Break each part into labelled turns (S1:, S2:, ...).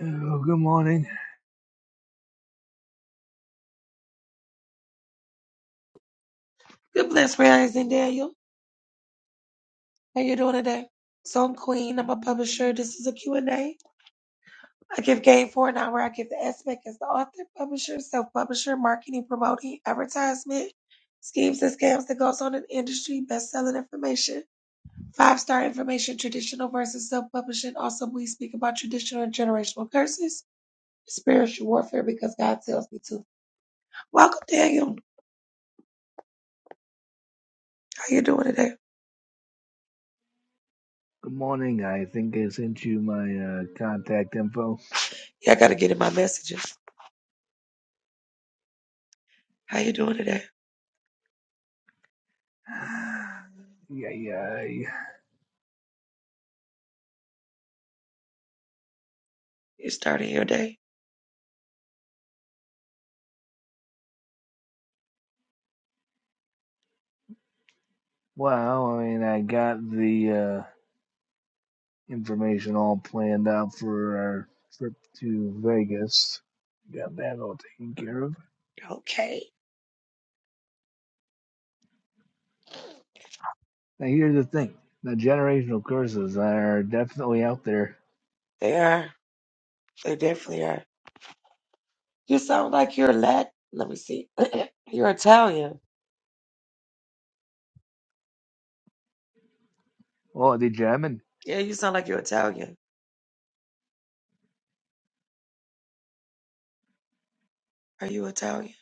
S1: Oh, good morning.
S2: Good bless rising, Daniel. How you doing today? So I'm Queen. I'm a publisher. This is a Q and A. I give game for an hour. I give the aspect as the author, publisher, self-publisher, marketing, promoting, advertisement, schemes and scams that goes on in the industry, best-selling information, five-star information, traditional versus self-publishing. Also, we speak about traditional and generational curses, spiritual warfare, because God tells me to. Welcome, Daniel. How you doing today?
S1: Good morning. I think I sent you my uh, contact info.
S2: Yeah, I got to get in my messages. How you doing today?
S1: Yeah, yeah.
S2: You starting your day?
S1: Well, I mean, I got the uh, information all planned out for our trip to Vegas. Got that all taken care of.
S2: Okay.
S1: Now, here's the thing: the generational curses are definitely out there.
S2: They are. They definitely are. You sound like you're Latin. Let me see. you're Italian.
S1: Oh, did you have
S2: Yeah, you sound like you're Italian. Are you Italian?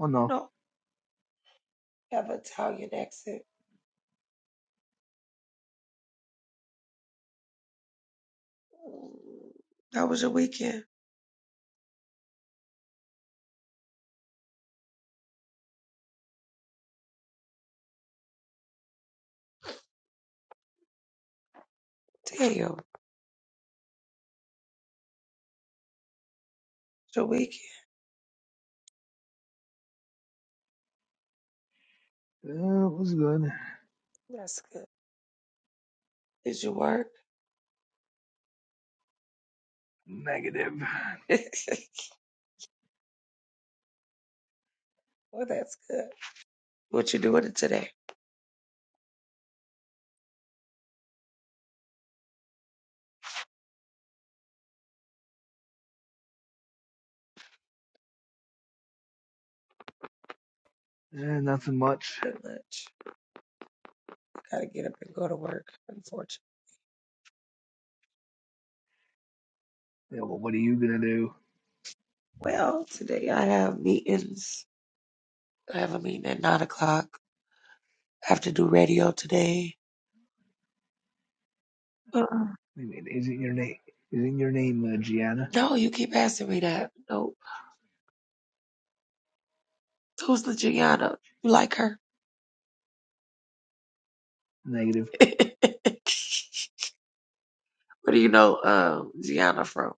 S1: Oh no,
S2: No. You have an Italian accent. Mm, That was your weekend. Damn. It's your weekend.
S1: uh, it was good.
S2: That's good. Did you work?
S1: Negative.
S2: well, that's good. What you doing today?
S1: Eh, nothing much.
S2: Pretty much. Gotta get up and go to work, unfortunately.
S1: Yeah, well, what are you gonna do?
S2: Well, today I have meetings. I have a meeting at nine o'clock. I have to do radio today. uh
S1: Isn't your name? Isn't your name uh, Gianna?
S2: No, you keep asking me that. Nope. Who's the Gianna? You like her?
S1: Negative.
S2: Where do you know um, Gianna from?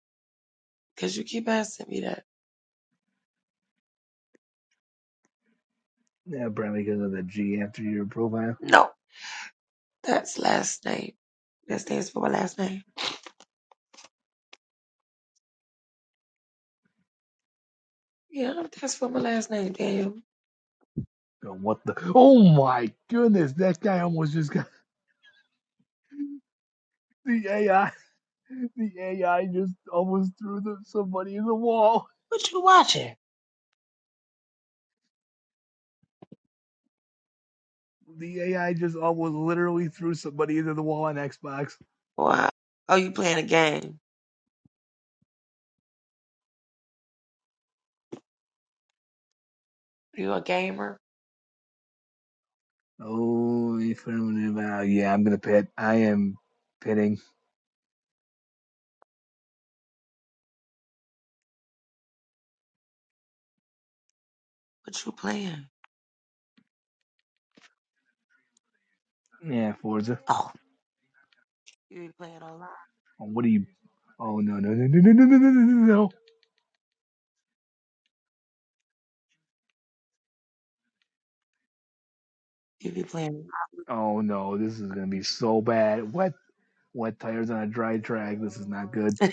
S2: Because you keep asking me that.
S1: Yeah, probably because of the G after your profile.
S2: No. That's last name. That stands for my last name. Yeah, that's for my last name, Daniel.
S1: Oh, what the? Oh my goodness! That guy almost just got the AI. The AI just almost threw the, somebody in the wall.
S2: What you watching?
S1: The AI just almost literally threw somebody into the wall on Xbox.
S2: Why? Oh, you playing a game. You a gamer?
S1: Oh, affirmative. Uh, yeah, I'm gonna pit. I am pitting.
S2: What you playing?
S1: Yeah, Forza.
S2: Oh, you be playing online.
S1: Oh, what are you? Oh no no no no no no no no no! no. no.
S2: You be playing.
S1: Oh no, this is gonna be so bad. What? wet tires on a dry track. This is not good.
S2: do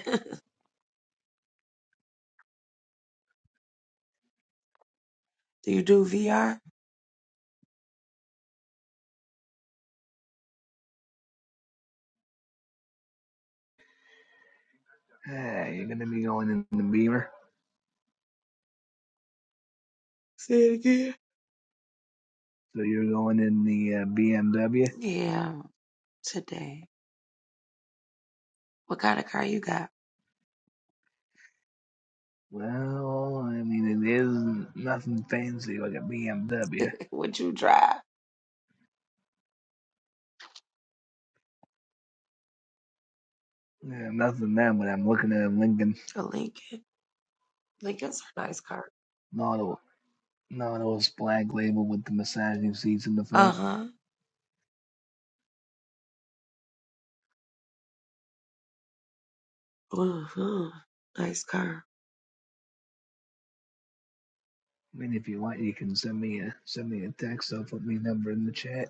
S2: you do VR?
S1: Hey, you're going to be going in the Beamer,
S2: Say it again.
S1: so you're going in the uh, BMW.
S2: Yeah, today. What kind of car you got?
S1: Well, I mean, it is nothing fancy like a BMW.
S2: What you drive?
S1: Yeah, nothing that, but I'm looking at a Lincoln
S2: A Lincoln. Lincoln's a nice car.
S1: Nautil, Nautilus black label with the massaging seats in the
S2: Uh
S1: front.
S2: huh. Uh huh. Nice car.
S1: I mean, if you want, you can send me a send me a text. I'll put my number in the chat.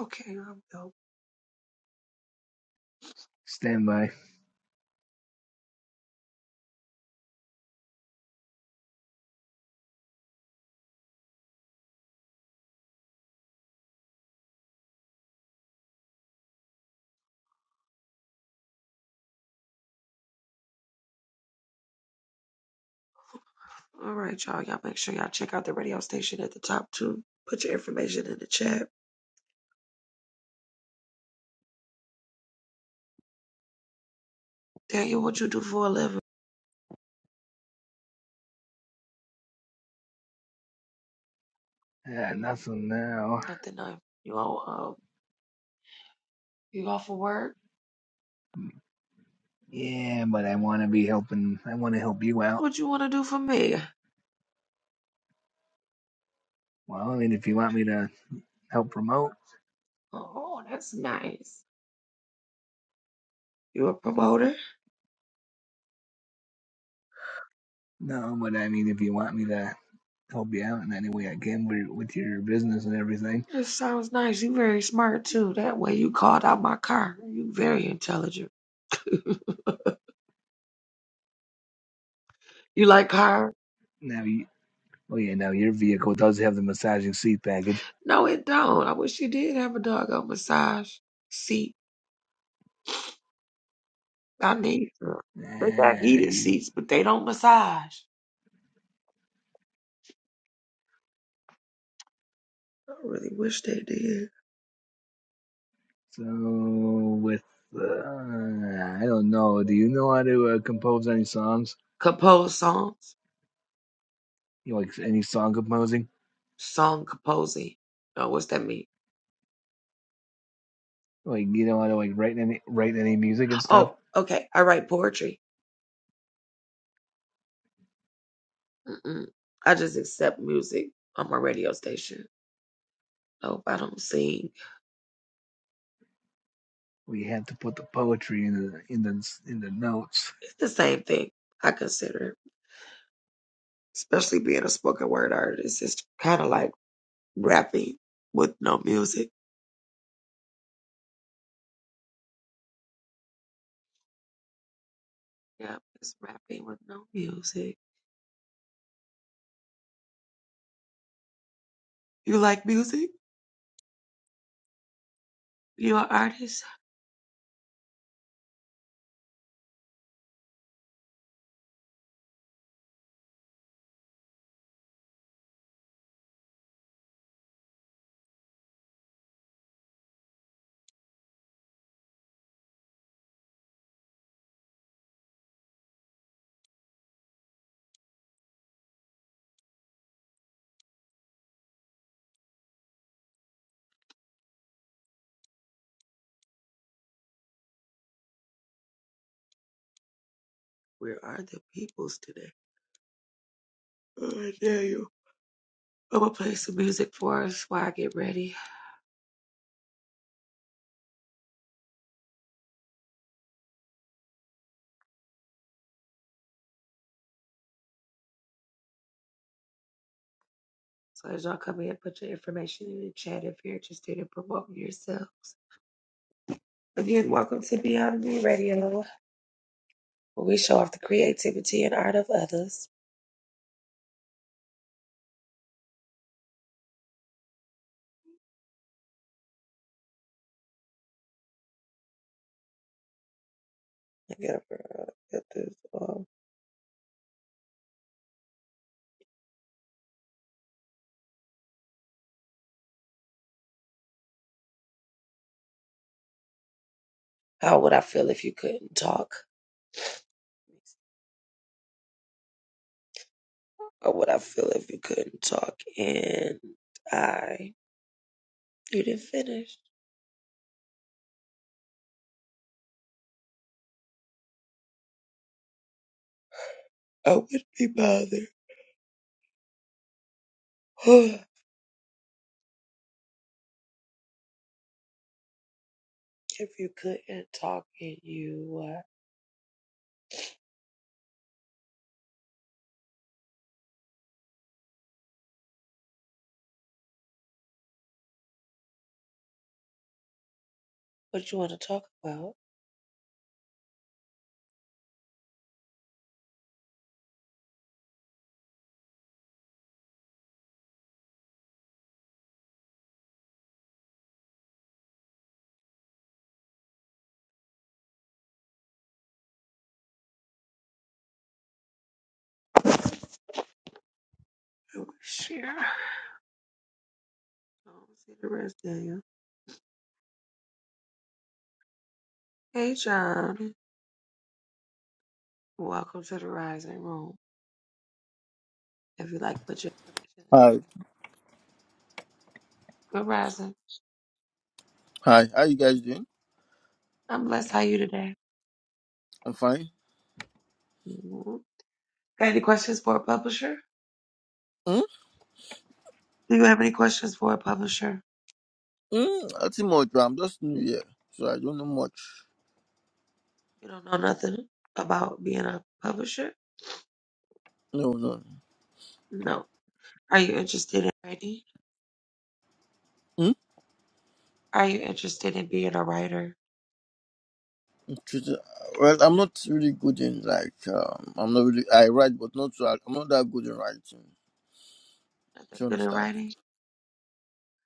S2: Okay, I'm dope.
S1: Stand by.
S2: All right, y'all. Y'all make sure y'all check out the radio station at the top too. Put your information in the chat. Daniel, what you do for a living?
S1: Yeah, nothing now.
S2: Nothing. No. You all uh, you off for work?
S1: Yeah, but I want to be helping. I want to help you out.
S2: What you want to do for me?
S1: Well, I mean, if you want me to help promote,
S2: Oh, that's nice. You a promoter?
S1: no, but I mean, if you want me to help you out in any way I can with, with your business and everything,
S2: That sounds nice. You very smart too. That way you called out my car. You very intelligent. you like car?
S1: now you, oh yeah, now your vehicle does have the massaging seat package.
S2: No, it don't. I wish you did have a doggone massage seat. I need. some. They got
S1: Eh,
S2: heated
S1: you-
S2: seats, but they don't massage. I really wish they did.
S1: so with, uh, I don't know, do you know how to uh, compose any songs?
S2: Compose songs.
S1: You know, like any song composing?
S2: Song composing. Oh, what's that mean?
S1: Like you know how to like write any write any music and stuff?
S2: Oh, okay. I write poetry. Mm-mm. I just accept music on my radio station. Nope, I don't sing.
S1: We have to put the poetry in the in the in the notes.
S2: It's the same thing, I consider. Especially being a spoken word artist. It's kind of like rapping with no music. Yeah, it's rapping with no music. You like music? You're an artist? Where are the peoples today? Oh, I dare you. I'm gonna play some music for us while I get ready. So as y'all come in, put your information in the chat if you're interested in promoting yourselves. Again, welcome to Beyond Me Radio, where we show off the creativity and art of others. I gotta uh, get this off. How would I feel if you couldn't talk? How would I feel if you couldn't talk and I you didn't finish? I would be bothered. if you couldn't talk and you uh, what you want to talk about? I would share. I don't see the rest of you. Hey John. Welcome to the Rising Room. If you like put your information in the
S3: Hi.
S2: chat. Good rising.
S3: Hi. How you guys doing?
S2: I'm blessed. How are you today?
S3: I'm fine.
S2: Mhm. Got any questions for a publisher?
S3: Mm?
S2: Do you have any questions for a publisher?
S3: Mm, nothing much, but I'm just new here, so I don't know much.
S2: You don't know nothing about being a publisher?
S3: No, no.
S2: No. Are you interested in writing?
S3: Mm?
S2: Are you interested in being a writer?
S3: Just, uh, Well, I'm not really good in like um, I'm not really I write, but not so I'm not that good in writing.
S2: Not
S3: Do you
S2: that good at
S3: understand?
S2: writing?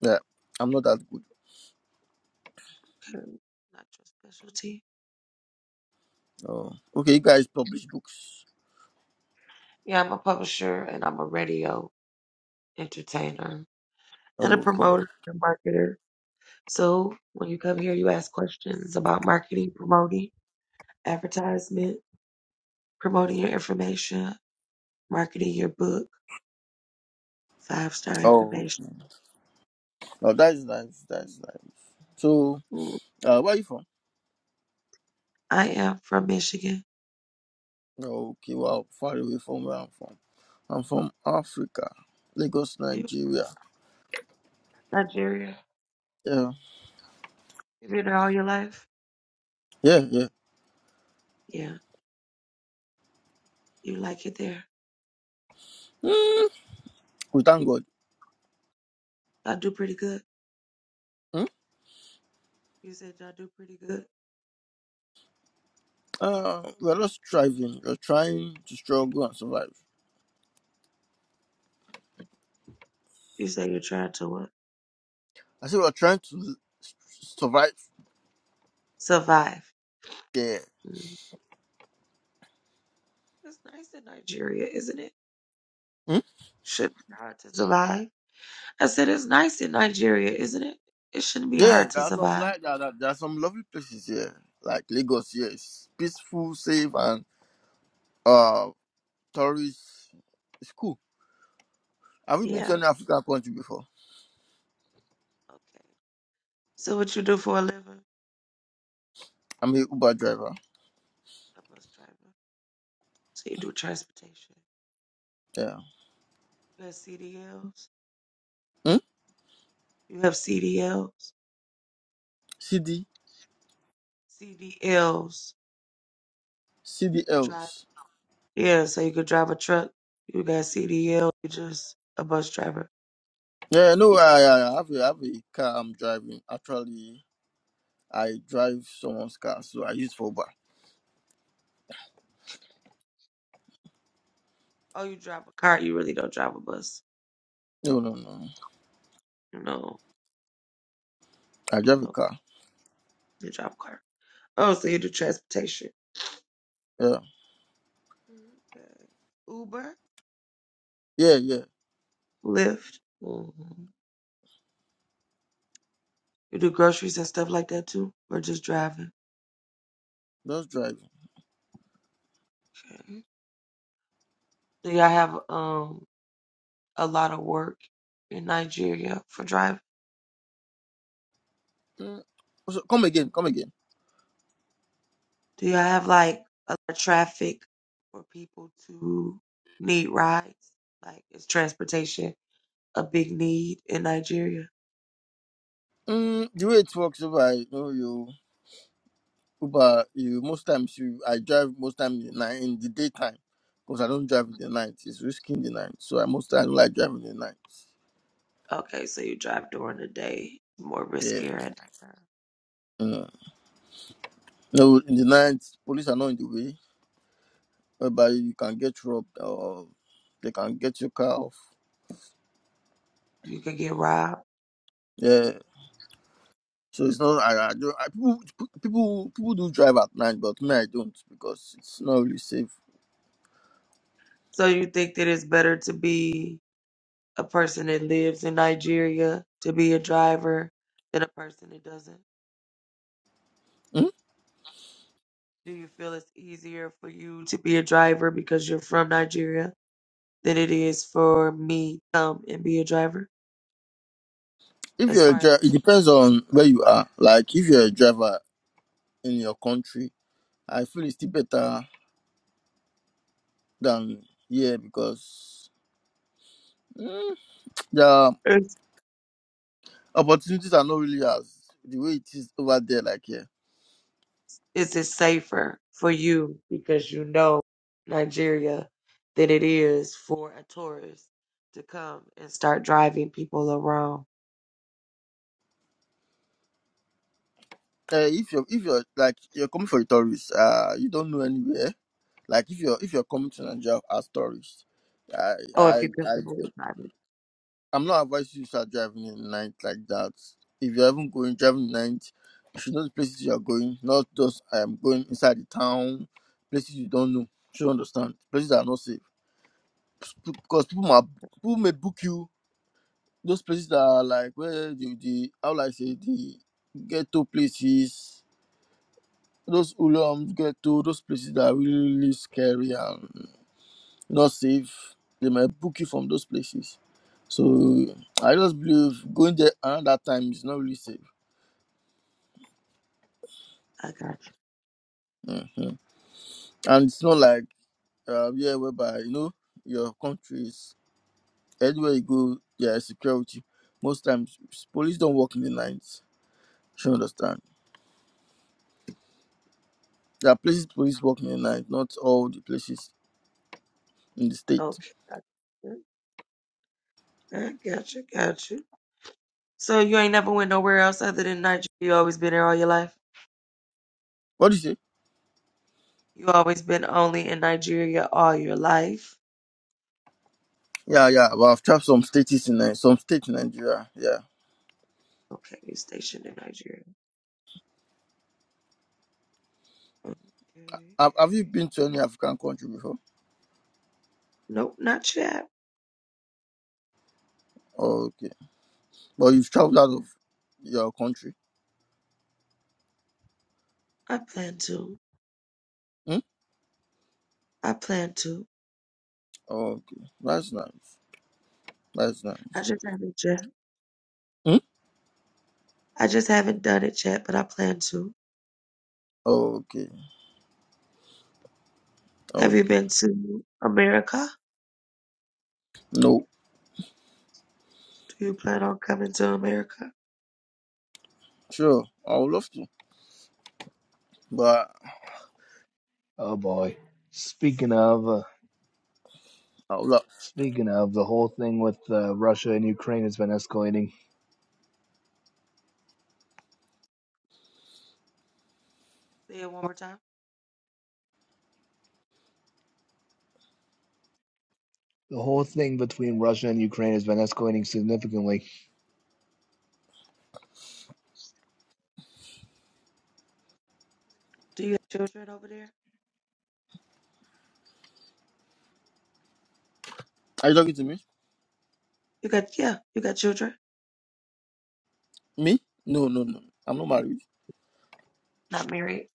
S3: Yeah, I'm not that good.
S2: Okay. Not your specialty?
S3: Oh, okay. You guys publish books.
S2: Yeah, I'm a publisher and I'm a radio entertainer and a
S3: Oh, okay.
S2: promoter and marketer. So when you come here, you ask questions about marketing, promoting, advertisement, promoting your information, marketing your book Five star
S3: Oh,
S2: information.
S3: oh, that's nice. That's nice. So,
S2: Mm,
S3: uh, where are you from?
S2: I am from Michigan.
S3: Oh, Okay, well, far away from where I'm from. I'm from Africa, Lagos,
S2: You
S3: Nigeria.
S2: Nigeria.
S3: Yeah,
S2: You been there all your life?
S3: yeah, yeah.
S2: Yeah. You like it there?
S3: Mm, we thank God.
S2: I do pretty good.
S3: Mm?
S2: You said y'all do pretty good.
S3: Uh, we're not striving. We're trying to struggle and survive.
S2: You say you're trying to what?
S3: I say we're trying to l- s- survive
S2: Survive.
S3: there.
S2: Mm. It's nice in Nigeria, isn't it?
S3: Mm?
S2: Shouldn't be hard to survive. I said it's nice in Nigeria, isn't it? It shouldn't be
S3: Yeah,
S2: hard to
S3: there are some
S2: survive.
S3: like that. There there are some lovely places here, like Lagos. Here, it's peaceful, safe, and uh, tourist. It's cool. Have you been to
S2: Yeah.
S3: any African country before?
S2: Okay. So what you do for a living?
S3: I'm a Uber driver.
S2: A bus driver. So you do transportation.
S3: Yeah.
S2: You have CDLs.
S3: Hmm.
S2: You have CDLs.
S3: CD,
S2: CDLs. Drive.
S3: CDLs.
S2: Yeah, so you could drive a truck. You got CDL. You just a bus driver.
S3: Yeah, no,
S2: You drive.
S3: I, I have a, I have a car. I'm driving actually. I drive someone's car, so I use for Uber.
S2: Oh, you drive a car. You really don't drive a bus.
S3: No, no, no.
S2: No.
S3: I drive a
S2: Okay.
S3: car.
S2: You drive a car. Oh, so you do transportation.
S3: Yeah,
S2: Okay. Uber,
S3: yeah, yeah.
S2: Lyft. hmm You do groceries and stuff like that too, or just driving.
S3: Just driving.
S2: Okay. Do y'all have um a lot of work in Nigeria for driving?
S3: Mm. So come again, come again.
S2: Do y'all have like a lot of traffic for people to need rides? Like, is transportation a big need in Nigeria?
S3: Mm, the way it works, if I know you Uber, you most times you I drive most times in the night in the daytime because I don't drive in the night. It's risky in the night, so I most time like driving in the night.
S2: Okay, so you drive during the day, it's more
S3: Yeah.
S2: riskier at nighttime.
S3: Mm. No, in the night police are not in the way, whereby you can get robbed or they can get your car off.
S2: You can get robbed.
S3: Yeah. So it's not I, I don't I, people people people do drive at night, but me I don't because it's not really safe.
S2: So you think that it's better to be a person that lives in Nigeria to be a driver than a person that doesn't?
S3: Hmm?
S2: Do you feel it's easier for you to be a driver because you're from Nigeria than it is for me to come and be a driver?
S3: If
S2: as
S3: you're a
S2: far
S3: driver,
S2: as
S3: it depends on where you are. Like if you're a driver in your country, I feel it's still better than here because mm, the
S2: is
S3: opportunities are not really as the way it is over there. Like here,
S2: is it safer for you because you know Nigeria than it is for a tourist to come and start driving people around?
S3: uh, if you're if you're like you're coming for a tourist, uh, you don't know anywhere. Like if you're if you're coming to Nigeria as tourist, I
S2: Oh, if
S3: I
S2: you're
S3: I
S2: comfortable with driving.
S3: I'm not advising you to start driving in the night like that. If you're even going driving in the night, you should know the places you are going, not just I am going inside the town, places you don't know. You should understand. Places that are not safe. Because people might
S2: Oh,
S3: people may book you. Those places that are like where the, the how will I say the ghetto places, those ulums ghetto, those places that are really, really scary and not safe. They might book you from those places. So I just believe going there around that time is not really safe.
S2: I got
S3: Mhm. And it's not like uh, yeah, whereby you know your country is anywhere you go, there is security. Most times s- police don't work in the night. You understand? There are places police work in the night, not all the places in the
S2: you.
S3: state.
S2: Okay. I I got you. Got you. So you ain't never went nowhere else other than Nigeria. You always been there all your life.
S3: What do you say?
S2: You always been only in Nigeria all your life.
S3: Yeah, yeah. Well, I've traveled some states in Ni- some states in Nigeria. Yeah.
S2: Okay, you're stationed in Nigeria. Okay.
S3: Have, have you been to any African country before?
S2: Nope, not yet.
S3: Okay. But you've traveled out of your country.
S2: I plan to.
S3: Hmm?
S2: I plan to.
S3: Oh, okay. That's nice. That's
S2: I
S3: nice.
S2: just haven't yet.
S3: Hmm?
S2: I just haven't done it yet, but I plan to.
S3: Oh, okay. Oh,
S2: Have you
S3: Okay.
S2: been to America?
S3: No.
S2: Do you plan on coming to America?
S3: Sure. I would love to. But
S1: Oh boy. Speaking of. Uh,
S3: I would love.
S1: Speaking of, the whole thing with uh, Russia and Ukraine has been escalating.
S2: Say it one more time.
S1: The whole thing between Russia and Ukraine has been escalating significantly.
S2: Do you have children over there?
S3: Are you talking to me?
S2: You got yeah, you got children.
S3: Me? No, no, no. I'm not married.
S2: Not married.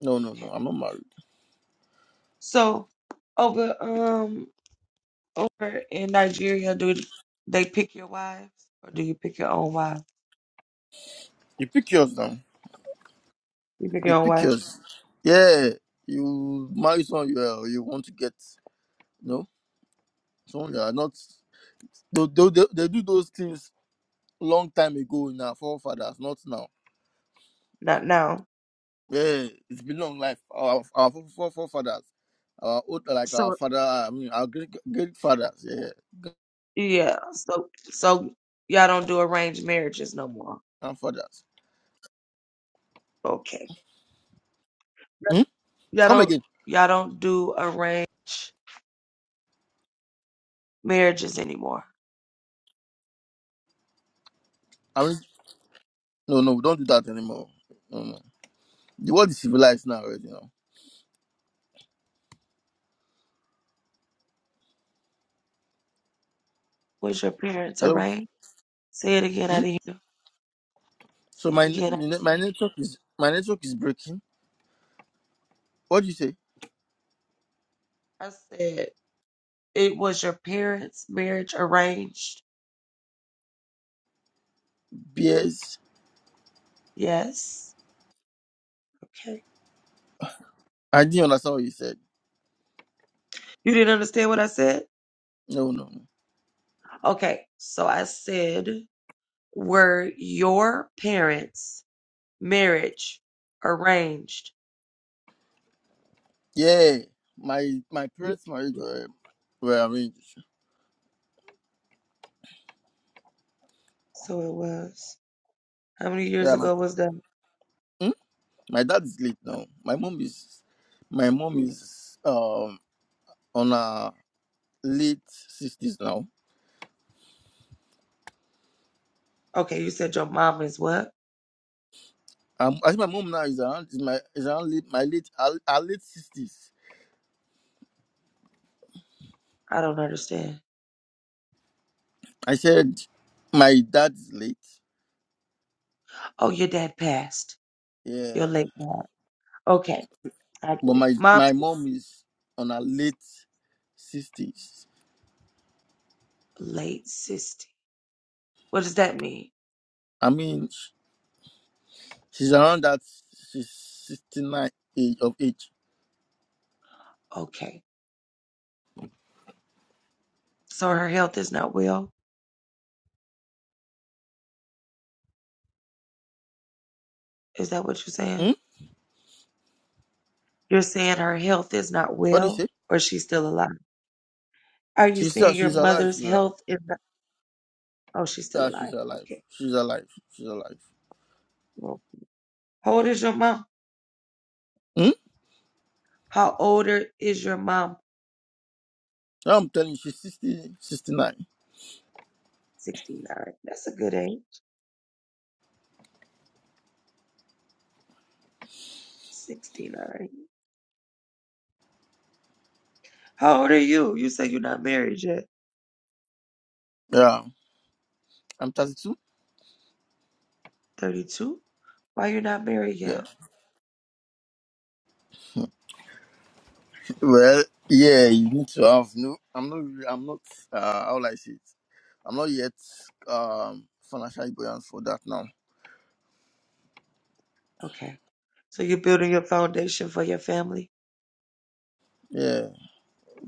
S3: No, no, no.
S2: Okay.
S3: I'm not married.
S2: So over um Over in Nigeria, do they pick your wives or do you pick your own wife?
S3: You pick yours now.
S2: You pick
S3: You
S2: your own
S3: pick
S2: wife?
S3: yours. Yeah. You marry someone you, uh, you want to get. No? Someone you are not. They, they, they, they do those things long time ago in our forefathers, not now.
S2: Not now.
S3: Yeah, it's been long life. Our our fore- fore- forefathers, our old like our
S2: So
S3: father, I mean our great great fathers, yeah, yeah,
S2: yeah, so so y'all don't do arranged marriages no more.
S3: grandfathers.
S2: Okay.
S3: Hmm?
S2: Y'all
S3: Come
S2: don't
S3: again.
S2: y'all don't do arranged marriages anymore.
S3: I mean, no, no, we don't do that anymore. No, no. The world is civilized now, already. You know.
S2: Was your parents
S3: Hello.
S2: arranged? Say it again, I
S3: Hmm?
S2: didn't hear.
S3: So
S2: Say it
S3: my ne-
S2: again, I
S3: my ne-
S2: didn't
S3: my
S2: hear.
S3: network is my network is breaking. What do you say?
S2: I said it was your parents' marriage arranged.
S3: BS.
S2: Yes. Okay.
S3: I didn't understand what you said.
S2: You didn't understand what I said?
S3: No, no, no.
S2: Okay, so I said, were your parents' marriage arranged?
S3: Yeah, my my
S2: Y-
S3: parents' marriage
S2: yeah,
S3: were were arranged.
S2: So it was. How many years
S3: Yeah, my
S2: ago was that?
S3: My dad is late now. My mom is my mom is um on her late sixties now.
S2: Okay, you said your mom is what?
S3: Um, I think my mom now is around is my is around late, my late her, her late sixties.
S2: I don't understand.
S3: I said my dad is late.
S2: Oh, your dad passed. Your
S3: Yeah.
S2: late dad. Okay, I
S3: But
S2: get it.
S3: my
S2: Mom's
S3: my mom is on her late sixties.
S2: late sister. What does that mean?
S3: I mean sh- she's around that she's sixty nine age of age.
S2: Okay. So her health is not well? Is that what you're saying?
S3: Hmm?
S2: You're saying her health is not
S3: What do you
S2: well
S3: say?
S2: or she's still alive? Are you
S3: She's still
S2: saying your
S3: she's alive,
S2: mother's
S3: she's alive.
S2: health is not oh she's still
S3: Yeah, she's
S2: alive?
S3: alive.
S2: Okay.
S3: She's alive. She's alive.
S2: Well, how old is your mom?
S3: Hmm?
S2: How older is your mom?
S3: Yeah, I'm telling you, she's sixty-sixty-nine.
S2: Sixty nine. That's a good age. Sixty nine. How old are you? You say you're not married yet.
S3: Yeah, I'm 32.
S2: Thirty two? Why you're not married
S3: Yeah.
S2: yet?
S3: Well, yeah, you need to have no. I'm not. really- I'm not. Uh, how will I say it? I'm not yet um financially buoyant for that now.
S2: Okay. So you're building your foundation for your family?
S3: Yeah.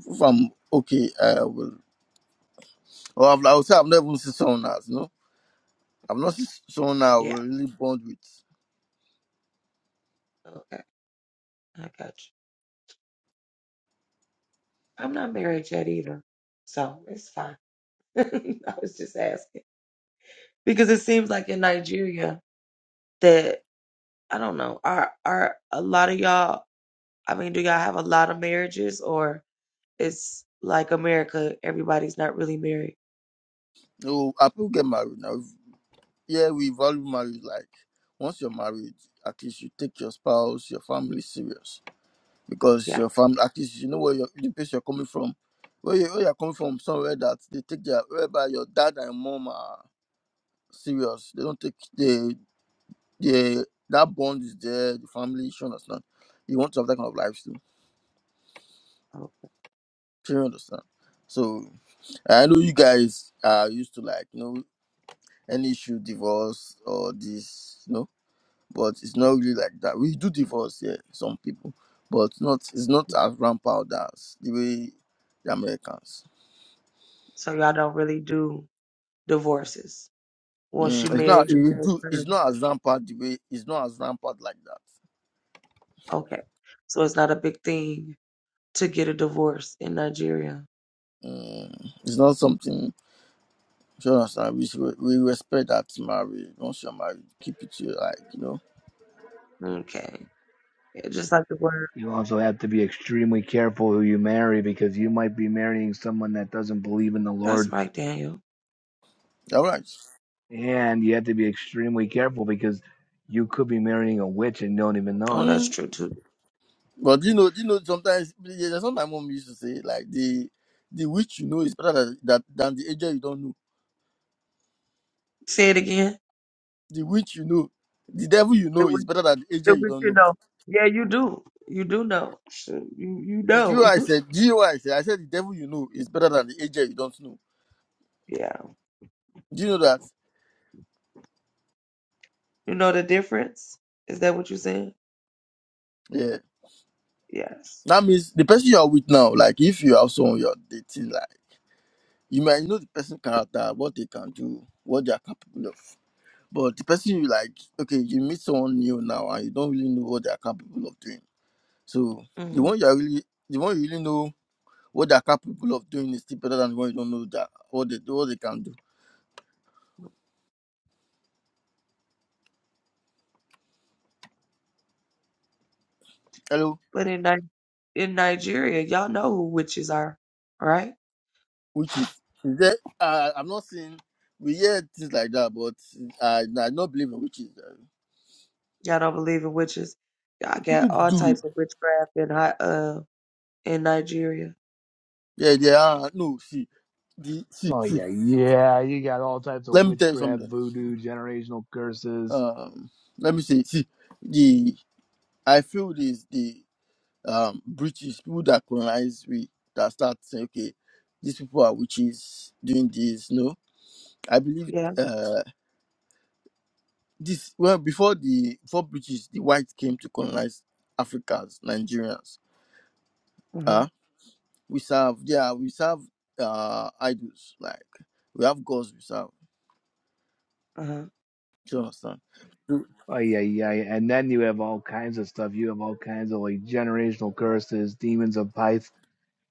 S3: If I'm okay, I will. Or I've, I would say I've never even seen someone else. No, I've not seen someone I
S2: Yeah.
S3: will really bond with.
S2: Okay. I got you. I'm not married yet either. So it's fine. I was just asking because it seems like in Nigeria that I don't know are are a lot of y'all. I mean, do y'all have a lot of marriages or it's like America? Everybody's not really married.
S3: No, I people get married now. Yeah, we value marriage. Like once you're married, at least you take your spouse, your family serious because
S2: Yeah.
S3: your family at least you know where your the place you're coming from where you where you're coming from somewhere that they take their whereby your dad and mom are serious they don't take the the that bond is there the family you understand you want to have that kind of life too
S2: Okay.
S3: do you understand so i know you guys are used to like you know any issue divorce or this you know but it's not really like that we do divorce yeah some people but not it's not as rampant as the way the americans
S2: So y'all don't really do divorces. Once you
S3: Mm, it's not.
S2: married, you
S3: It
S2: married
S3: do, it's
S2: forever.
S3: not as rampant the way. It's not as rampant like that.
S2: Okay. So it's not a big thing to get a divorce in Nigeria.
S3: Mm, it's not something. if You should understand? We, should- we respect that marriage. Once you're married, keep it to your like you know.
S2: Okay. Yeah, just like the word.
S1: You also have to be extremely careful who you marry because you might be marrying someone that doesn't believe in the
S2: That's
S1: Lord.
S2: right, Daniel.
S3: You're right.
S1: And you have to be extremely careful because you could be marrying a witch and don't even know
S2: Oh,
S1: it.
S2: that's
S3: Mm.
S2: true too.
S3: But you know, you know, sometimes yeah, that's what my mom used to say. Like the the witch you know is better than that than the angel you don't know.
S2: Say it again.
S3: The witch you know, the devil you know is better than the angel
S2: But
S3: you don't
S2: you
S3: know.
S2: know, yeah, you do. You do know. Shoot, You you
S3: Do you know
S2: know.
S3: what I said? Do you know what I said? I said the devil you know is better than the angel you don't know.
S2: yeah.
S3: Do you know that?
S2: You know the difference? Is that what you're saying?
S3: Yeah.
S2: Yes.
S3: That means the person you are with now, like if you have someone you're dating, like you might know the person's character, what they can do, what they are capable of. But the person you like, okay, you meet someone new now and you don't really know what they are capable of doing. So the
S2: hmm
S3: one you are really the one you really know what they are capable of doing is still better than the one you don't know that what they what they can do. Hello?
S2: But in Ni- in Nigeria, y'all know who witches are, right?
S3: Which is is there uh, I'm not saying we hear things like that, but I I don't believe in witches. uh,
S2: Y'all don't believe in witches. Y'all got
S3: People
S2: all
S3: do.
S2: types of witchcraft in Hi- uh in Nigeria.
S3: Yeah, yeah. are no, see, the see,
S1: Oh,
S3: see.
S1: yeah, yeah. You got all types of
S3: Let me tell you
S1: witchcraft,
S3: something.
S1: voodoo, generational curses.
S3: Um, let me say, see, the I feel this the um British people that colonize we that start saying, okay, these people are witches doing this. No, I believe
S2: Yeah.
S3: uh this well before the before British the whites came to colonize Africans, Nigerians.
S2: uh
S3: Uh we serve yeah we serve uh idols like we have gods we serve.
S2: Uh-huh.
S3: Do you understand?
S1: Oh yeah, yeah, yeah. And then you have all kinds of stuff. You have all kinds of like generational curses, demons of Python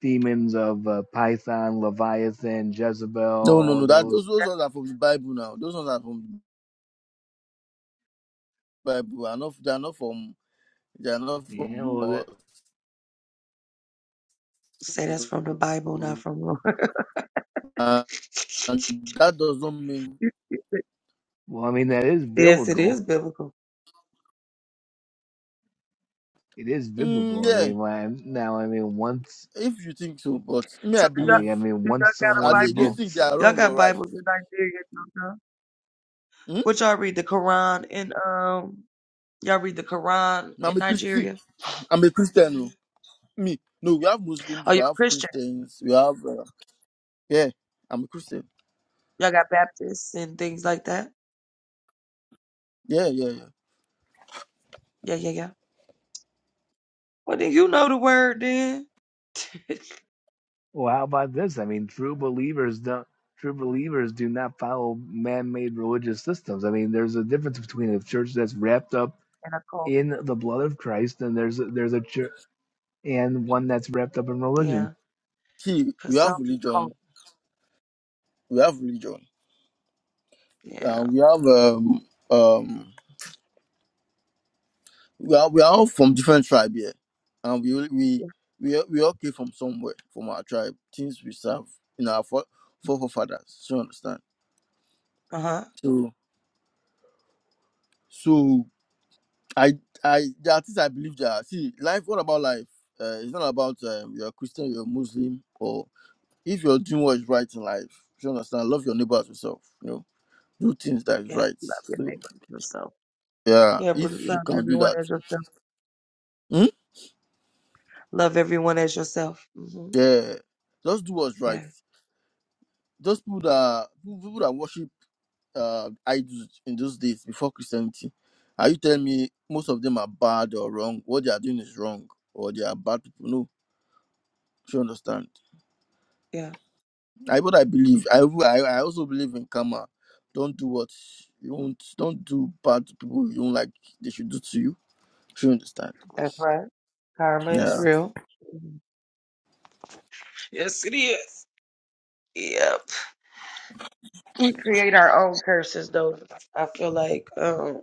S1: demons of uh, Python, Leviathan, Jezebel,
S3: No, no,
S1: all
S3: no.
S1: of
S3: That those
S1: those.
S3: those ones are from the Bible now. Those ones are from the Bible. Are not they are not from they are not
S1: Yeah,
S3: from
S1: well, that,
S3: us.
S2: Say that's from the Bible, not from
S3: And and that does not mean.
S1: well, I mean, that is
S2: Yes, it
S1: biblical.
S2: is biblical.
S1: It is
S3: Mm,
S1: biblical. I
S3: yeah,
S1: mean, my, now, I mean, once,
S3: if you think so, but me,
S2: So
S3: I
S2: do
S1: I'm like,
S3: believe.
S1: I mean,
S2: y'all, do y'all
S1: once
S2: got a
S3: Are they?
S1: someone
S3: Do you
S2: Bible?
S3: think they
S1: gets,
S3: are
S2: Y'all
S3: wrong
S2: got
S3: or right?
S2: Bibles in Nigeria, don't y'all?
S3: Hmm?
S2: What y'all read the Quran in um y'all read the Quran
S3: I'm
S2: in
S3: a Christian.
S2: Nigeria?
S3: I'm a Christian. oh. Me. No, we have Muslims.
S2: Oh, you're
S3: We
S2: a
S3: have
S2: Christian.
S3: Christians. We have. Uh, yeah, I'm a Christian.
S2: Y'all got Baptists and things like that.
S3: Yeah, yeah, yeah.
S2: Yeah, yeah, yeah. Well then you know the word then. and
S1: well, how about this? I mean, true believers don't, true believers do not follow man-made religious systems. I mean, there's a difference between a church that's wrapped up
S2: a cult.
S1: in the blood of Christ and there's a, there's a church and one that's wrapped up in religion.
S2: Yeah.
S3: See, we
S2: Cause some
S3: have
S2: be cult.
S3: religion. We have religion. Uh,
S2: Yeah.
S3: we have um um. We are we are all from different tribe here, and we all- we we all- we all came from somewhere from our tribe. Things we serve in our fore- forefathers. Do you understand?
S2: Uh huh.
S3: So so I I there are things I believe that see life. What about life? Uh, it's not about um, you're a Christian, you're a Muslim, or if you're doing what is right in life. Do you understand? Love your neighbor as yourself. You know, do things that is
S2: Yes,
S3: right.
S2: love your
S3: So
S2: neighbor as yourself.
S3: yeah,
S2: Yeah, but
S3: if you
S2: love
S3: can do
S2: everyone
S3: that,
S2: as yourself.
S3: hmm?
S2: Love everyone as yourself. hmm
S3: yeah, just do what's right.
S2: Yeah,
S3: Those people that people that worship uh, idols in those days before Christianity, are you telling me most of them are bad or wrong? What they are doing is wrong, or they are bad people? No, you understand.
S2: yeah.
S3: I what I believe. I w- I I also believe in karma. Don't do what you won't. Don't do bad to people you don't like. They should do to you. You understand?
S2: That's right. Karma is
S3: Yeah.
S2: real. Mhm. Yes, it is. Yeah. we create our own curses though i feel like um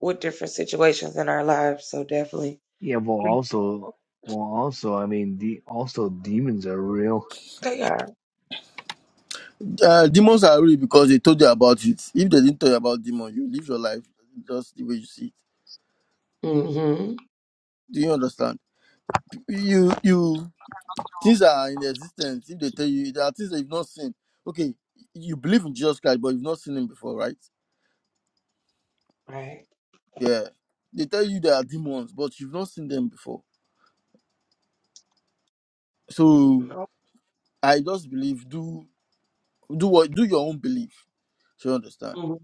S2: with different situations in our lives so definitely
S1: Yeah, well, also, well, also, I mean, the also demons are real.
S2: they are
S3: Uh, demons are real because they told you about it. If they didn't tell you about demons, you live your life just the way you see it.
S2: hmm
S3: Do you understand? You you Things that are in existence, if they tell you there are things that you've not seen. Okay, you believe in Jesus Christ, but you've not seen him before, right?
S2: right
S3: Yeah. They tell you there are demons, but you've not seen them before. So
S2: No.
S3: I just believe do do what do your own belief. So you understand?
S2: Mhm.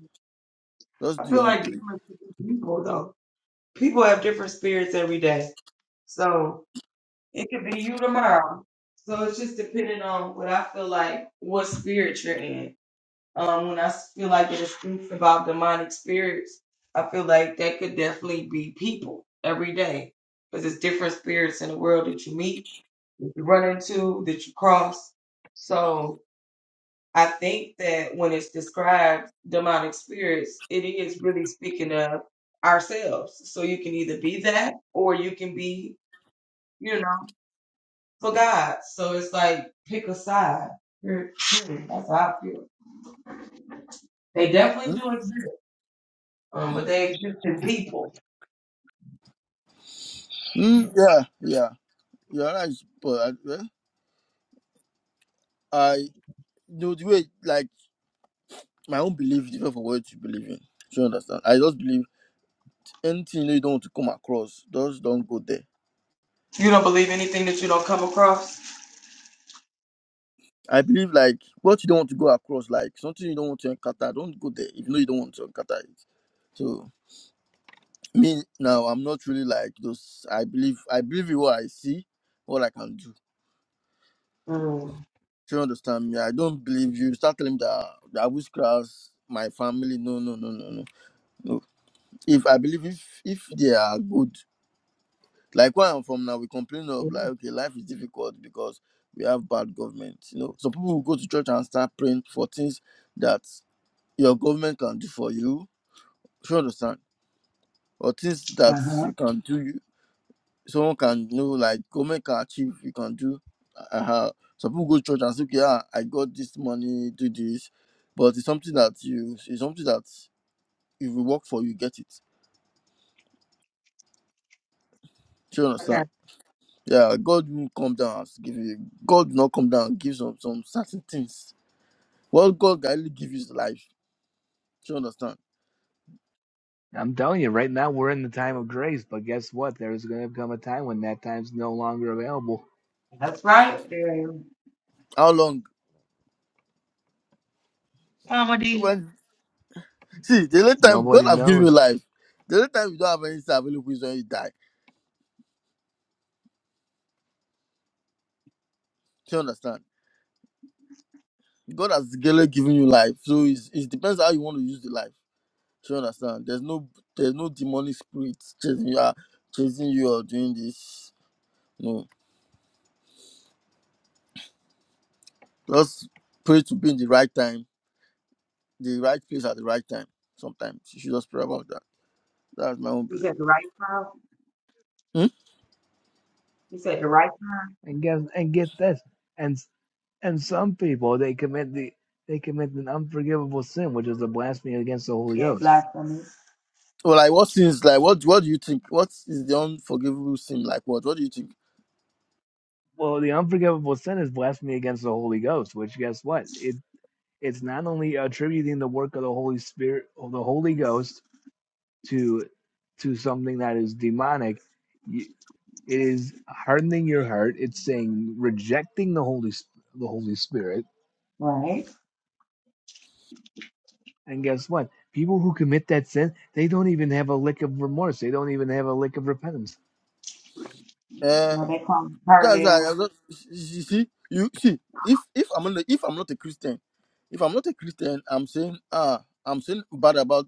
S3: Just
S2: I
S3: do
S2: feel
S3: your own
S2: like
S3: belief.
S2: different people though. People have different spirits every day. So it could be you tomorrow. So it's just depending on what I feel like, what spirit you're in. Um, when I feel like it is speaks about demonic spirits, I feel like that could definitely be people every day because it's different spirits in the world that you meet, that you run into, that you cross. So I think that when it's described demonic spirits, it is really speaking of ourselves. So you can either be that or you can be, you know, for God. So it's like pick a side. hmm, That's how I feel. They
S3: Hmm?
S2: definitely do exist. Um, but they exist in people.
S3: Mm, yeah, yeah. You're right, but I, eh, I know the way like my own belief is different from what you believe in. So you understand? I just believe anything you don't want to come across, just don't go there
S2: You don't believe anything that you don't come across?
S3: I believe like what you don't want to go across, like something you don't want to encounter, don't go there if you know you don't want to encounter it. So me now, I'm not really like those. I believe I believe in what I see, what I can do.
S2: Mm.
S3: Do you understand me? I don't believe you. Start telling me that that witchcraft, my family. No, no, no, no, no. No. If I believe if if they are good, like where I'm from now, we complain of like okay, life is difficult because we have bad government. You know, so people will go to church and start praying for things that your government can do for you. Do you understand? Or things that
S2: Uh huh.
S3: you can do, you- someone can know, like government can achieve, you can do. Uh, uh, some people go to church and say, okay, ah, I got this money, do this. But it's something that you, it's something that if you work for, you get it. Do you
S2: Okay.
S3: understand? Yeah, God will come down and give you. God will not come down and give some, some certain things. What God can only give you is life. Do you understand?
S1: I'm telling you, right now we're in the time of grace, but guess what? There's going to come a time when that time's no longer available.
S2: That's right. There's
S3: How long?
S2: comedy.
S3: When. See, the only time God
S1: Nobody
S3: has given you
S1: knows,
S3: life, the only time you don't have anything available is when you die. Do you understand? God has clearly given you life, so it's, it depends how you want to use the life. Do you understand? There's no there's no demonic spirit chasing you, uh, chasing you or doing this. No, just pray to be in the right time, the right place at the right time. Sometimes you should just pray about that. That's my own
S2: You
S3: belief.
S2: said
S3: Hmm?
S2: you said the right.
S1: and guess and get this, and and some people they commit the they commit an unforgivable sin, which is a blasphemy against the Holy
S2: Yeah,
S1: Ghost.
S2: blasphemy.
S3: Well, like what sins? Like what? What do you think? What is the unforgivable sin? Like what? What do you think?
S1: Well, the unforgivable sin is blasphemy against the Holy Ghost, which guess what? It it's not only attributing the work of the Holy Spirit of the Holy Ghost to to something that is demonic you, it is hardening your heart it's saying rejecting the holy the holy spirit
S2: Right.
S1: and guess what people who commit that sin they don't even have a lick of remorse they don't even have a lick of repentance
S2: Well,
S3: Eh,
S2: they call her
S3: That's
S2: now.
S3: I got, you see, you see, if if I'm not if I'm not a Christian, if I'm not a Christian, I'm saying ah, I'm saying bad about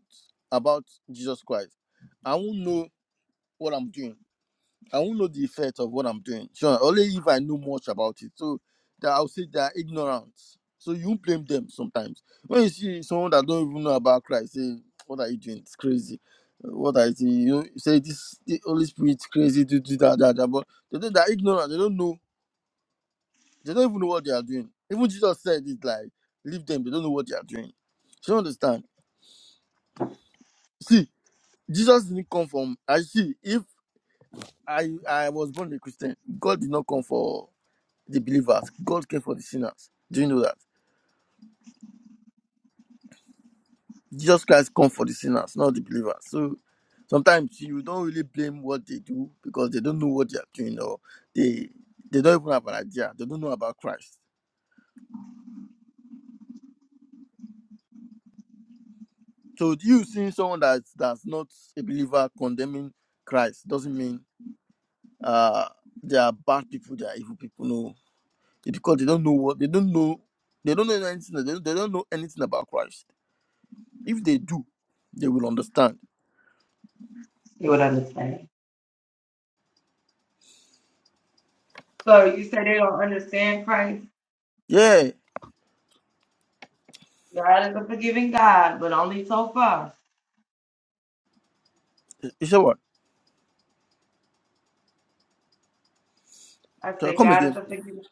S3: about Jesus Christ. I won't know what I'm doing. I won't know the effect of what I'm doing. Sure, only if I know much about it. So that I'll say they are ignorant. So you blame them sometimes. When you see someone that don't even know about Christ, say, "What are you doing? It's crazy." What I see, you know, you say this the Holy Spirit crazy to do that, that, that. But they, they are ignorant. They don't know they don't even know what they are doing. Even Jesus said it like, leave them, they don't know what they are doing. So you understand? See, Jesus didn't come from I see if I I was born a Christian, God did not come for the believers. God came for the sinners. Do you know that? Jesus Christ come for the sinners, not the believers. So sometimes you don't really blame what they do because they don't know what they are doing or they they don't even have an idea. They don't know about Christ. So you seeing someone that's that's not a believer condemning Christ doesn't mean uh they are bad people they are evil people no It's because they don't know what they don't know they don't know anything they don't, they don't know anything about christ if they do they will understand
S2: They would understand. So you say they don't understand Christ.
S3: yeah
S2: God is a forgiving God, but only so far.
S3: you say what
S2: I
S3: so
S2: said
S3: come
S2: God is
S3: again
S2: a forgiving.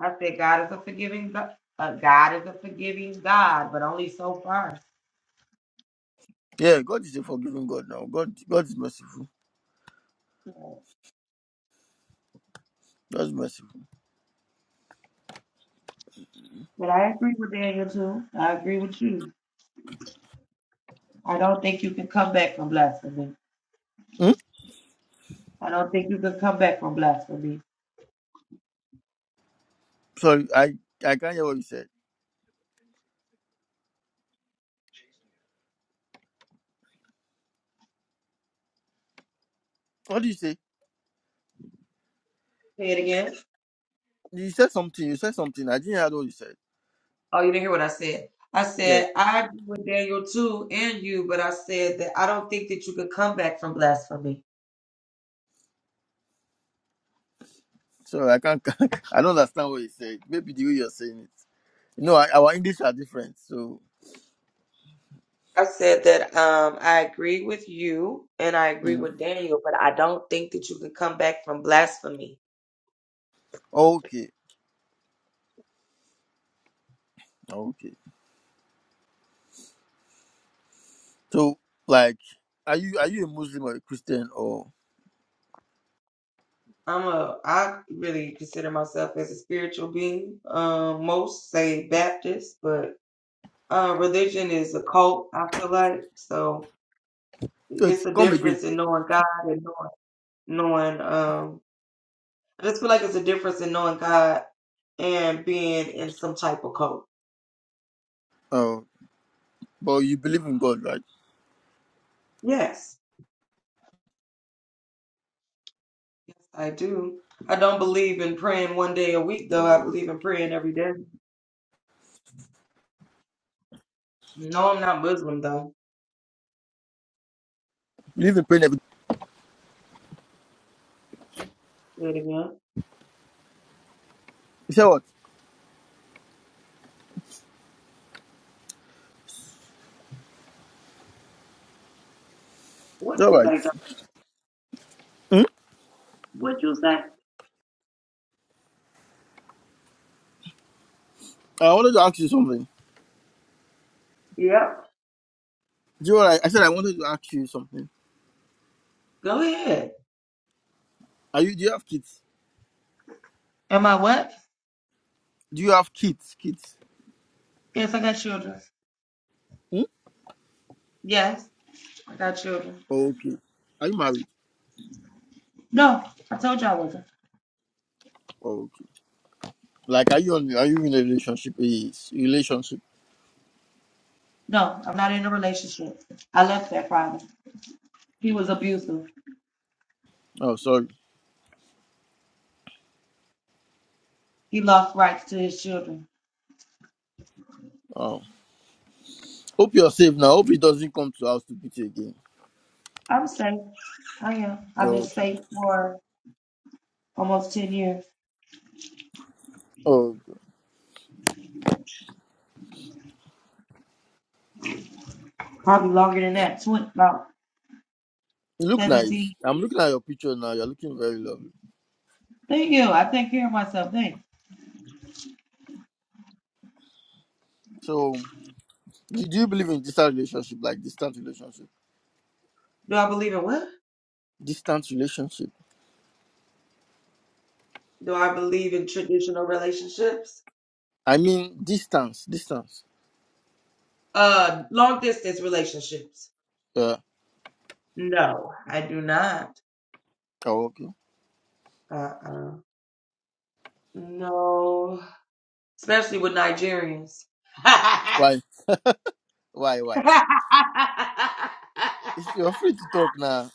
S2: I said God is a forgiving God. Uh, God is a forgiving God, but only so far.
S3: yeah god is a forgiving god now god god is merciful
S2: But
S3: god is merciful
S2: I agree with Daniel too. I agree with you. I don't think you can come back from blasphemy.
S3: hmm?
S2: I don't think you can come back from blasphemy.
S3: sorry i i can't hear what you said what did you say
S2: Say it again.
S3: you said something you said something i didn't hear what you said
S2: Oh, you didn't hear what I said. I
S3: yeah
S2: said, I agree with Daniel too and you, but I said that I don't think that you could come back from blasphemy.
S3: so i can't i don't understand what you said maybe the way you're saying it you know I, our english are different so
S2: I said that um, I agree with you and I agree
S3: mm.
S2: with Daniel, but I don't think that you can come back from blasphemy.
S3: okay Okay. So, like, are you are you a Muslim or a Christian or?
S2: I'm a I really consider myself as a spiritual being. Um, most say Baptist, but uh, religion is a cult. I feel like so.
S3: Wait,
S2: It's a
S3: come again.
S2: difference in knowing God and knowing, knowing um I just feel like it's a difference in knowing God and being in some type of cult.
S3: Oh, but you believe in God, right?
S2: Yes, I do. I don't believe in praying one day a week though. I
S3: Oh,
S2: believe in praying every day. No, I'm not Muslim though.
S3: believe in prayer. and
S2: Say it again.
S3: You said what? It's
S2: What
S3: all
S2: you
S3: right.
S2: say? Doc?
S3: Hmm?
S2: What you say?
S3: I wanted to ask you something.
S2: Yep.
S3: Do you know what I, I said I wanted to ask you something.
S2: Go ahead.
S3: Are you? Do you have kids?
S2: Am I what?
S3: Do you have kids? Kids?
S2: Yes, I got children.
S3: Hmm?
S2: Yes, I got children.
S3: Okay. Are you married?
S2: No, I told you I wasn't.
S3: okay. Like, are you on? Are you in a relationship? Yes. Relationship.
S2: No, I'm not in a relationship. I left that problem. He was abusive.
S3: Oh, sorry.
S2: He lost rights to his children.
S3: Oh. Hope you're safe now. Hope it doesn't come to us to beat you again.
S2: I'm safe. I am. I've been
S3: Okay.
S2: safe for almost 10 years,
S3: Oh.
S2: probably longer than that, 20, about
S3: You look
S2: 17.
S3: nice. I'm looking at your picture now. You're looking very lovely.
S2: Thank you. I take care of myself. Thanks.
S3: So, do do you believe in distant relationship, like distant relationship?
S2: Do I believe in what?
S3: Distant relationship.
S2: Do I believe in traditional relationships?
S3: I mean, distance, distance.
S2: Uh, long distance relationships?
S3: Yeah.
S2: No, I do not.
S3: Oh, okay.
S2: Uh-uh. No, especially with Nigerians.
S3: Why? Why? Why? If you're free to talk now.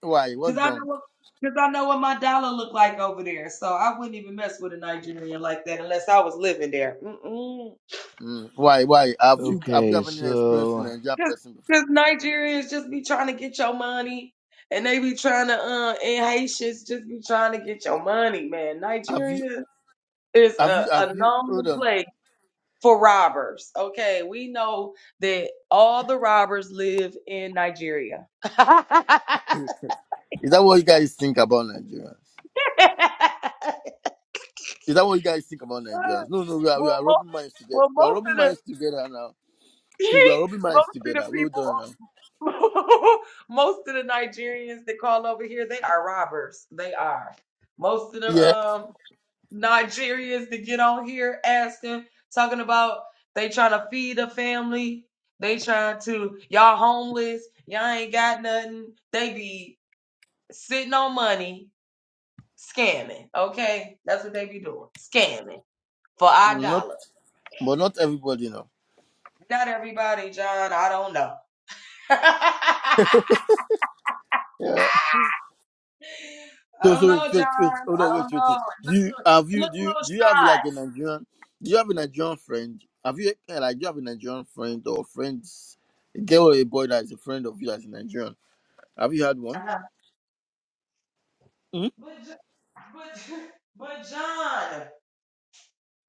S3: Why?
S2: Cause
S3: What's
S2: I know
S3: wrong?
S2: what, cause I know what my dollar looked like over there. So I wouldn't even mess with a Nigerian like that unless I was living there. Mm-mm.
S3: Mm. Why? Why? Have you have you
S1: okay
S3: have any experience in
S1: so
S3: Nigerian
S2: Cause,
S3: person before?
S2: cause Nigerians just be trying to get your money, and they be trying to, uh, and Haitians just be trying to get your money, man.
S3: Have you?
S2: Nigeria is
S3: Have
S2: a,
S3: you? Have
S2: a
S3: you? Hold
S2: known
S3: on.
S2: place for robbers. Okay, we know that all the robbers live in Nigeria. well,
S3: Is that what you guys think about Nigerians? Is that what you guys think about Nigerians? No, no. We are we are
S2: most
S3: rubbing minds together.
S2: well,
S3: We are
S2: most
S3: rubbing
S2: of the
S3: minds together now. See, we are rubbing minds
S2: most of the
S3: together. We all
S2: people,
S3: don't know.
S2: most of the Nigerians that call over here, they are robbers. They are. Most of the
S3: Yeah,
S2: um Nigerians that get on here asking, talking about they trying to feed a family. They trying to y'all homeless. Y'all ain't got nothing. They be sitting on money, scamming. Okay, that's what they be doing, scamming for our
S3: not
S2: dollar.
S3: but not everybody know.
S2: Not everybody, John. I don't know.
S3: Yeah.
S2: I
S3: So
S2: don't
S3: so wait
S2: know, John.
S3: wait wait hold on
S2: I
S3: wait
S2: don't
S3: wait. wait.
S2: know. It
S3: Do
S2: looks,
S3: you have
S2: it
S3: you
S2: looks
S3: do you do you have like a Nigerian? Do you have a Nigerian friend? Have you eh, like do you have a Nigerian friend or friends? A girl or a boy that is a friend of you that's a Nigerian. Have you had
S2: a
S3: one?
S2: little shy. Uh-huh.
S3: Hmm?
S2: But, Jo- but, but John,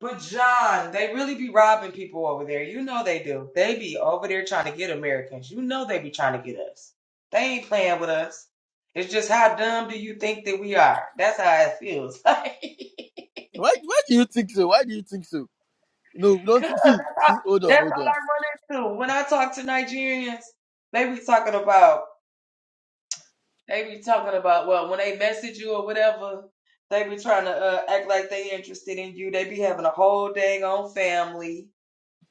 S2: but John, they really be robbing people over there. You know they do. They be over there trying to get Americans. You know they be trying to get us. They ain't playing with us. It's just how dumb do you think that we are? That's how it feels. Cause
S3: Why why do you think so? Why do you think so? No, we don't
S2: that's
S3: think, see
S2: all,
S3: see hold on
S2: that's
S3: hold
S2: all
S3: on.
S2: I run into when I talk to Nigerians. They be talking about. They be talking about well, when they message you or whatever, they be trying to uh, act like they interested in you. They be having a whole dang on family.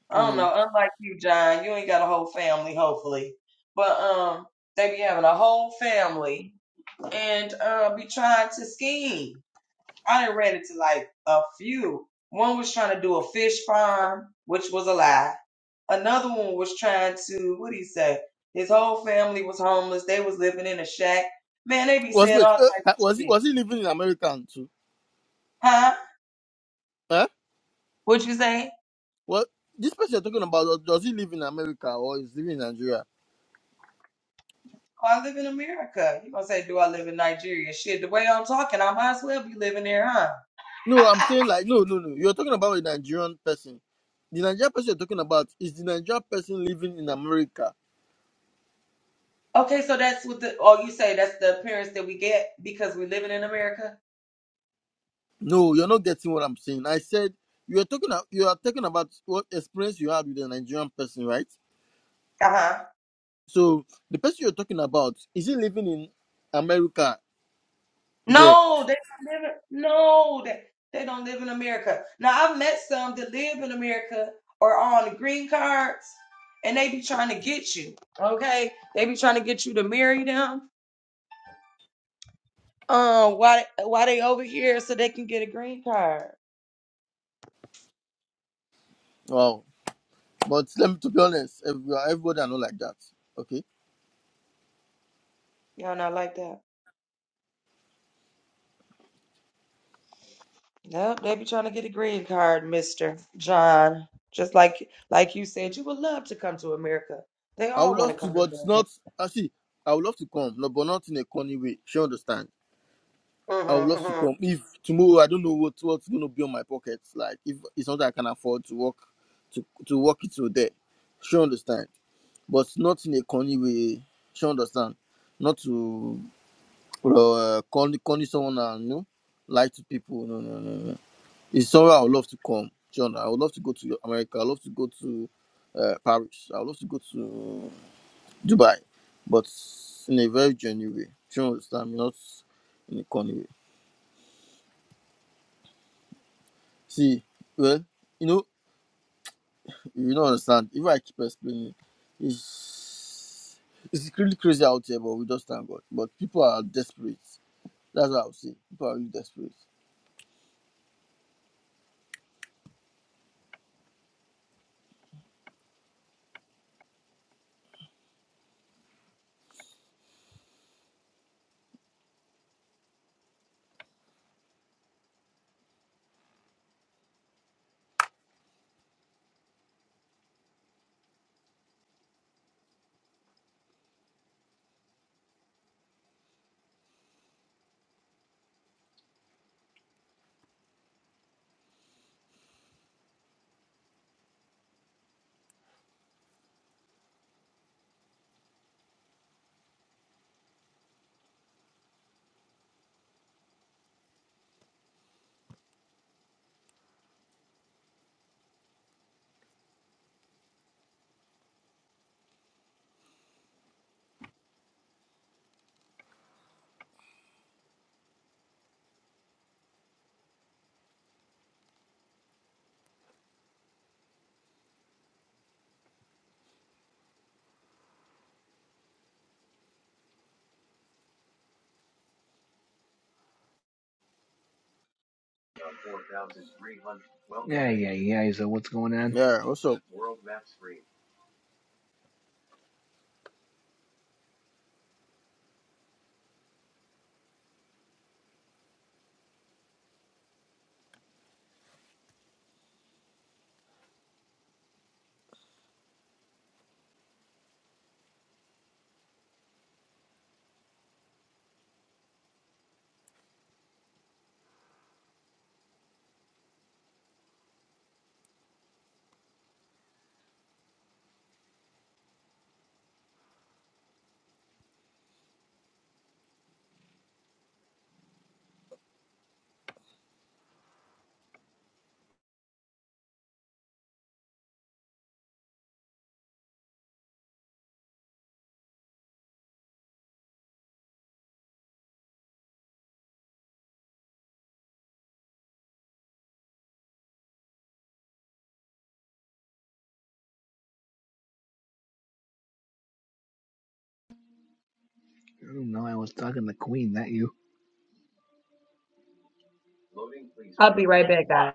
S2: I don't
S3: Mm.
S2: know. Unlike you, John, you ain't got a whole family, hopefully, but um, they be having a whole family and uh, be trying to scheme. I done read it to like a few. One was trying to do a fish farm, which was a lie. Another one was trying to, what do you say? His whole family was homeless. They was living in a shack. Man, they be
S3: Was
S2: saying
S3: wait
S2: all
S3: eh,
S2: types
S3: was
S2: of
S3: he
S2: shit.
S3: was he living in America too?
S2: Huh?
S3: Huh?
S2: What you say?
S3: Well, this person you're talking about, does he live in America or is living in Nigeria?
S2: Oh, I live in America. You gonna say, do I live in Nigeria? Shit, the way I'm talking, I might as well be living there, huh?
S3: No, I'm saying like no, no, no. You're talking about a Nigerian person. The Nigerian person you're talking about is the Nigerian person living in America.
S2: Okay, so that's what the, oh, you say that's the appearance that we get because we're living in America?
S3: No, you're not getting what I'm saying. I said you're talking. a- You are talking about what experience you had with a Nigerian person, right?
S2: Uh huh.
S3: So the person you're talking about is he living in America? There.
S2: No, they don't live in, no, that they, they don't live in America. Now I've met some that live in America or are on the green cards and they be trying to get you. Okay? They be trying to get you to marry them. Um, why why they over here so they can get a green card.
S3: Wow. But let me to be honest, every- everybody are not like that. Okay.
S2: Y'all not like that. Nope, they be trying to get a green card, Mr. John. Just like like you said, you would love to come to America. They
S3: I
S2: all
S3: would
S2: want
S3: love
S2: to
S3: to,
S2: come to
S3: but not. I see. I would love to come, no, but not in a corny way. She understand. I would
S2: America.
S3: love
S2: hmm
S3: to
S2: hmm
S3: come if tomorrow I don't know what what's gonna be on my pocket. Like if it's not that I can afford to work to to work it till there. She understand, but not in a corny way. She understand. Not to uh, corny corny someone and you know, lie to people. No, no, no, no. It's somewhere I would love to come. John, I would love to go to America. I would love to go to uh, Paris. I would love to go to Dubai, but in a very genuine way. Do you understand me? Not in a corny way. See, well, you know, you don't understand. If I keep explaining, it's it's really crazy out here, but we just thank God. But people are desperate. That's what I would say. People are really desperate.
S1: yeah yeah yeah so what's going on
S3: Yeah, what's up?
S1: i don't know i was talking to queen that you
S2: I'll be right back, guys.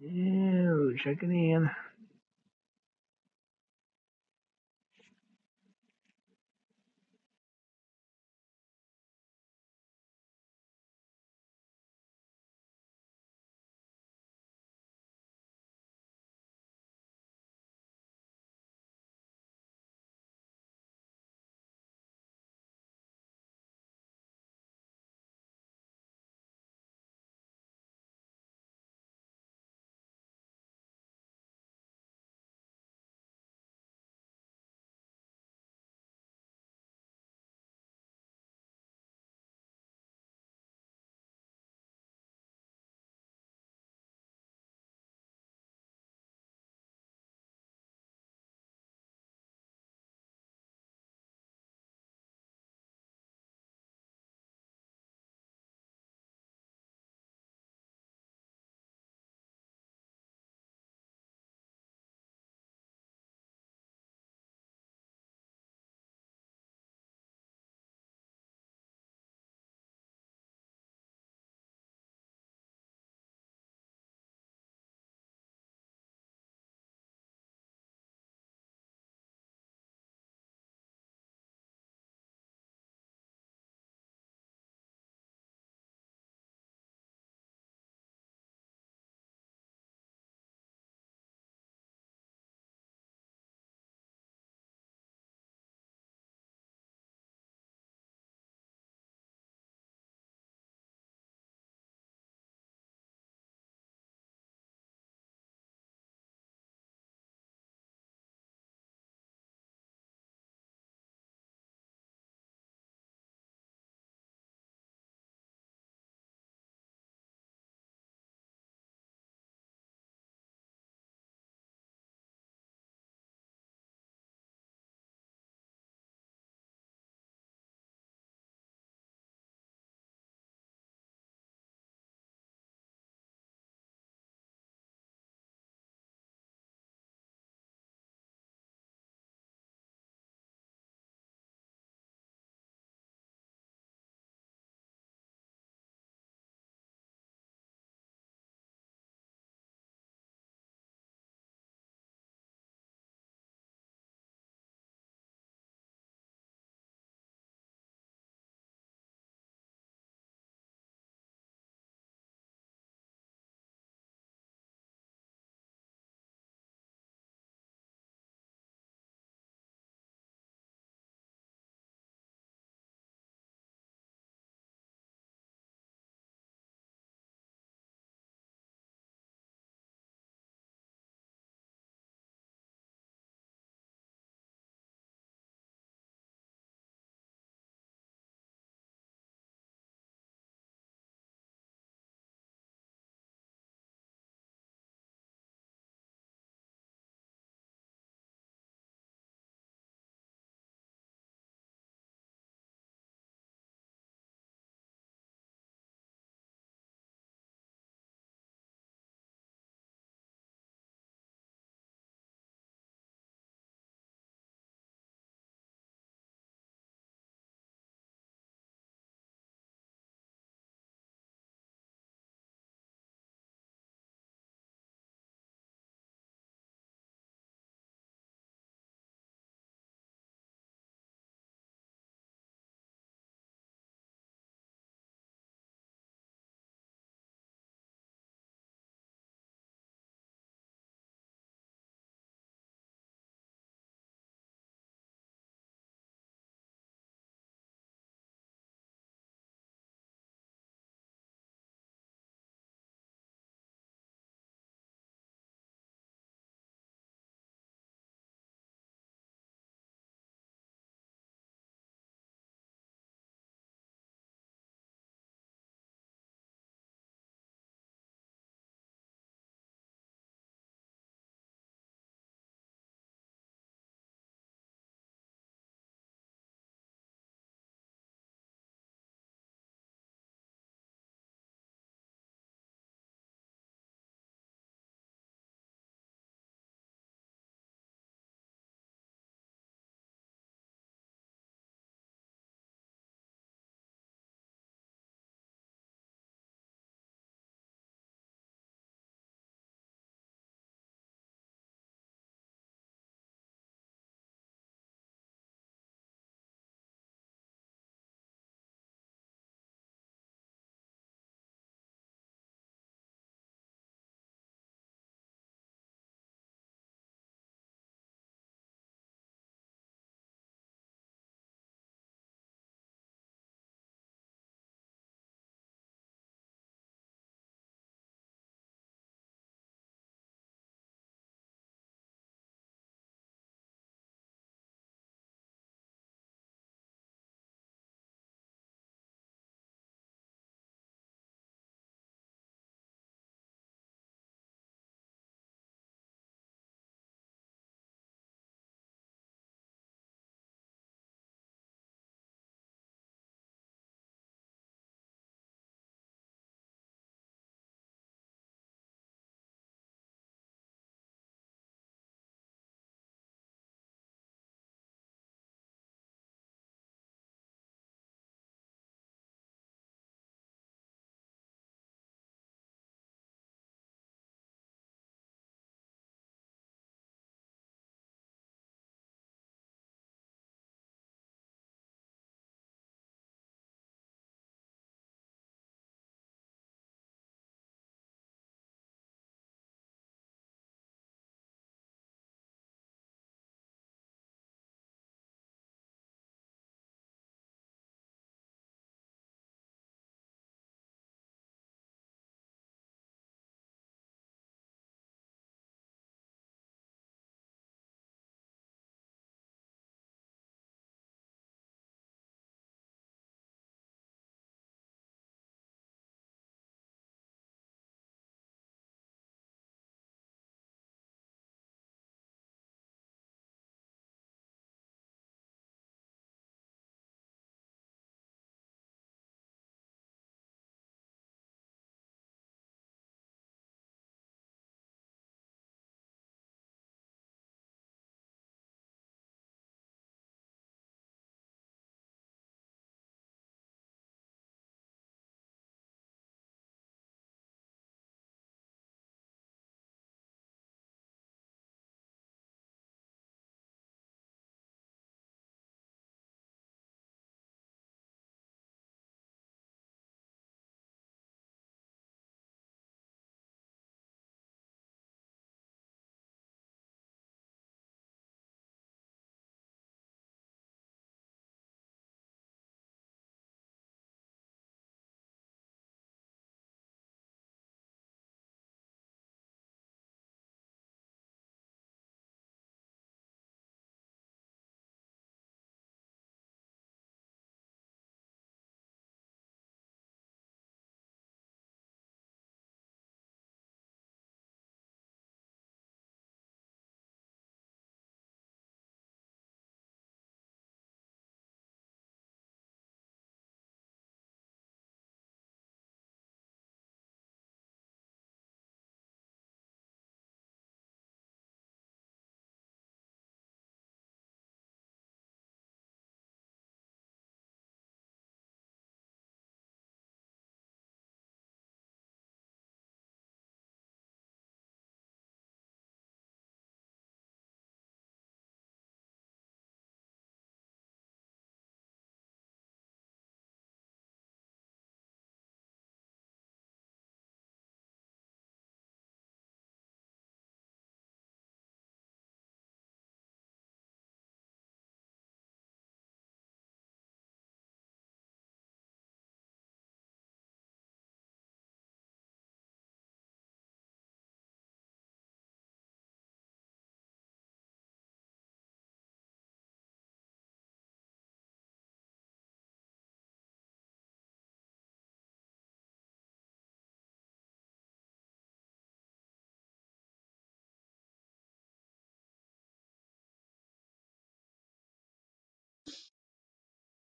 S1: yeah checking in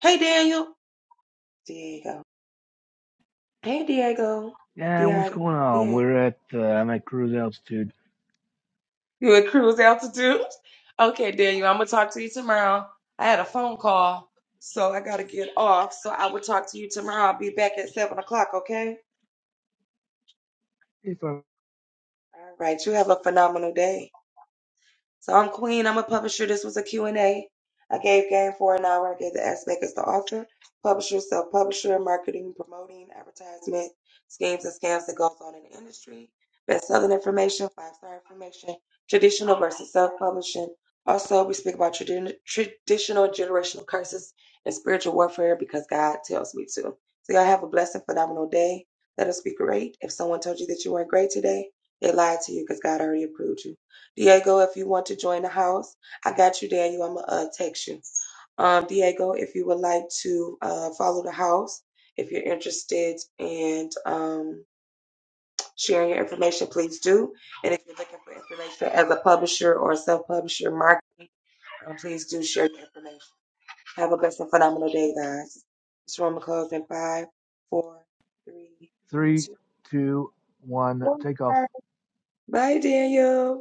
S2: Hey Daniel. There you go. Hey, Diego.
S1: yeah what's
S2: Diego.
S1: going on
S2: Diego.
S1: we're at uh, i'm at cruise altitude
S2: You at cruise altitude? Okay, Daniel, I'm going to talk to you tomorrow. I had a phone call, so I got to get off. So I will talk to you tomorrow. I'll be back at 7 o'clock, okay?
S1: if i
S2: All right. You have a phenomenal day. So I'm Queen. I'm a publisher. This was a Q&A. I gave game for an hour. I gave the aspect as the author, publisher, self-publisher, marketing, promoting, advertisement, schemes and scams that goes on in the industry, best-selling information, five-star information, traditional versus self-publishing. Also, we speak about tradi- traditional generational curses and spiritual warfare because God tells me to. So y'all have a blessed and phenomenal day. Let us be great. If someone told you that you weren't great today, they lied to you because God already approved you. Diego, if you want to join the house, I got you, Daniel. I'm gonna uh, text you. Um, Diego, if you would like to uh, follow the house, if you're interested in um, sharing your information, please do. And if you're looking for information as a publisher or a self-publisher marketing, um, please do share your information. Have a blessed and phenomenal day, guys. This room will close in five, four, three,
S1: three
S2: two,
S1: two one
S2: one.
S1: take off
S2: Bye, Daniel.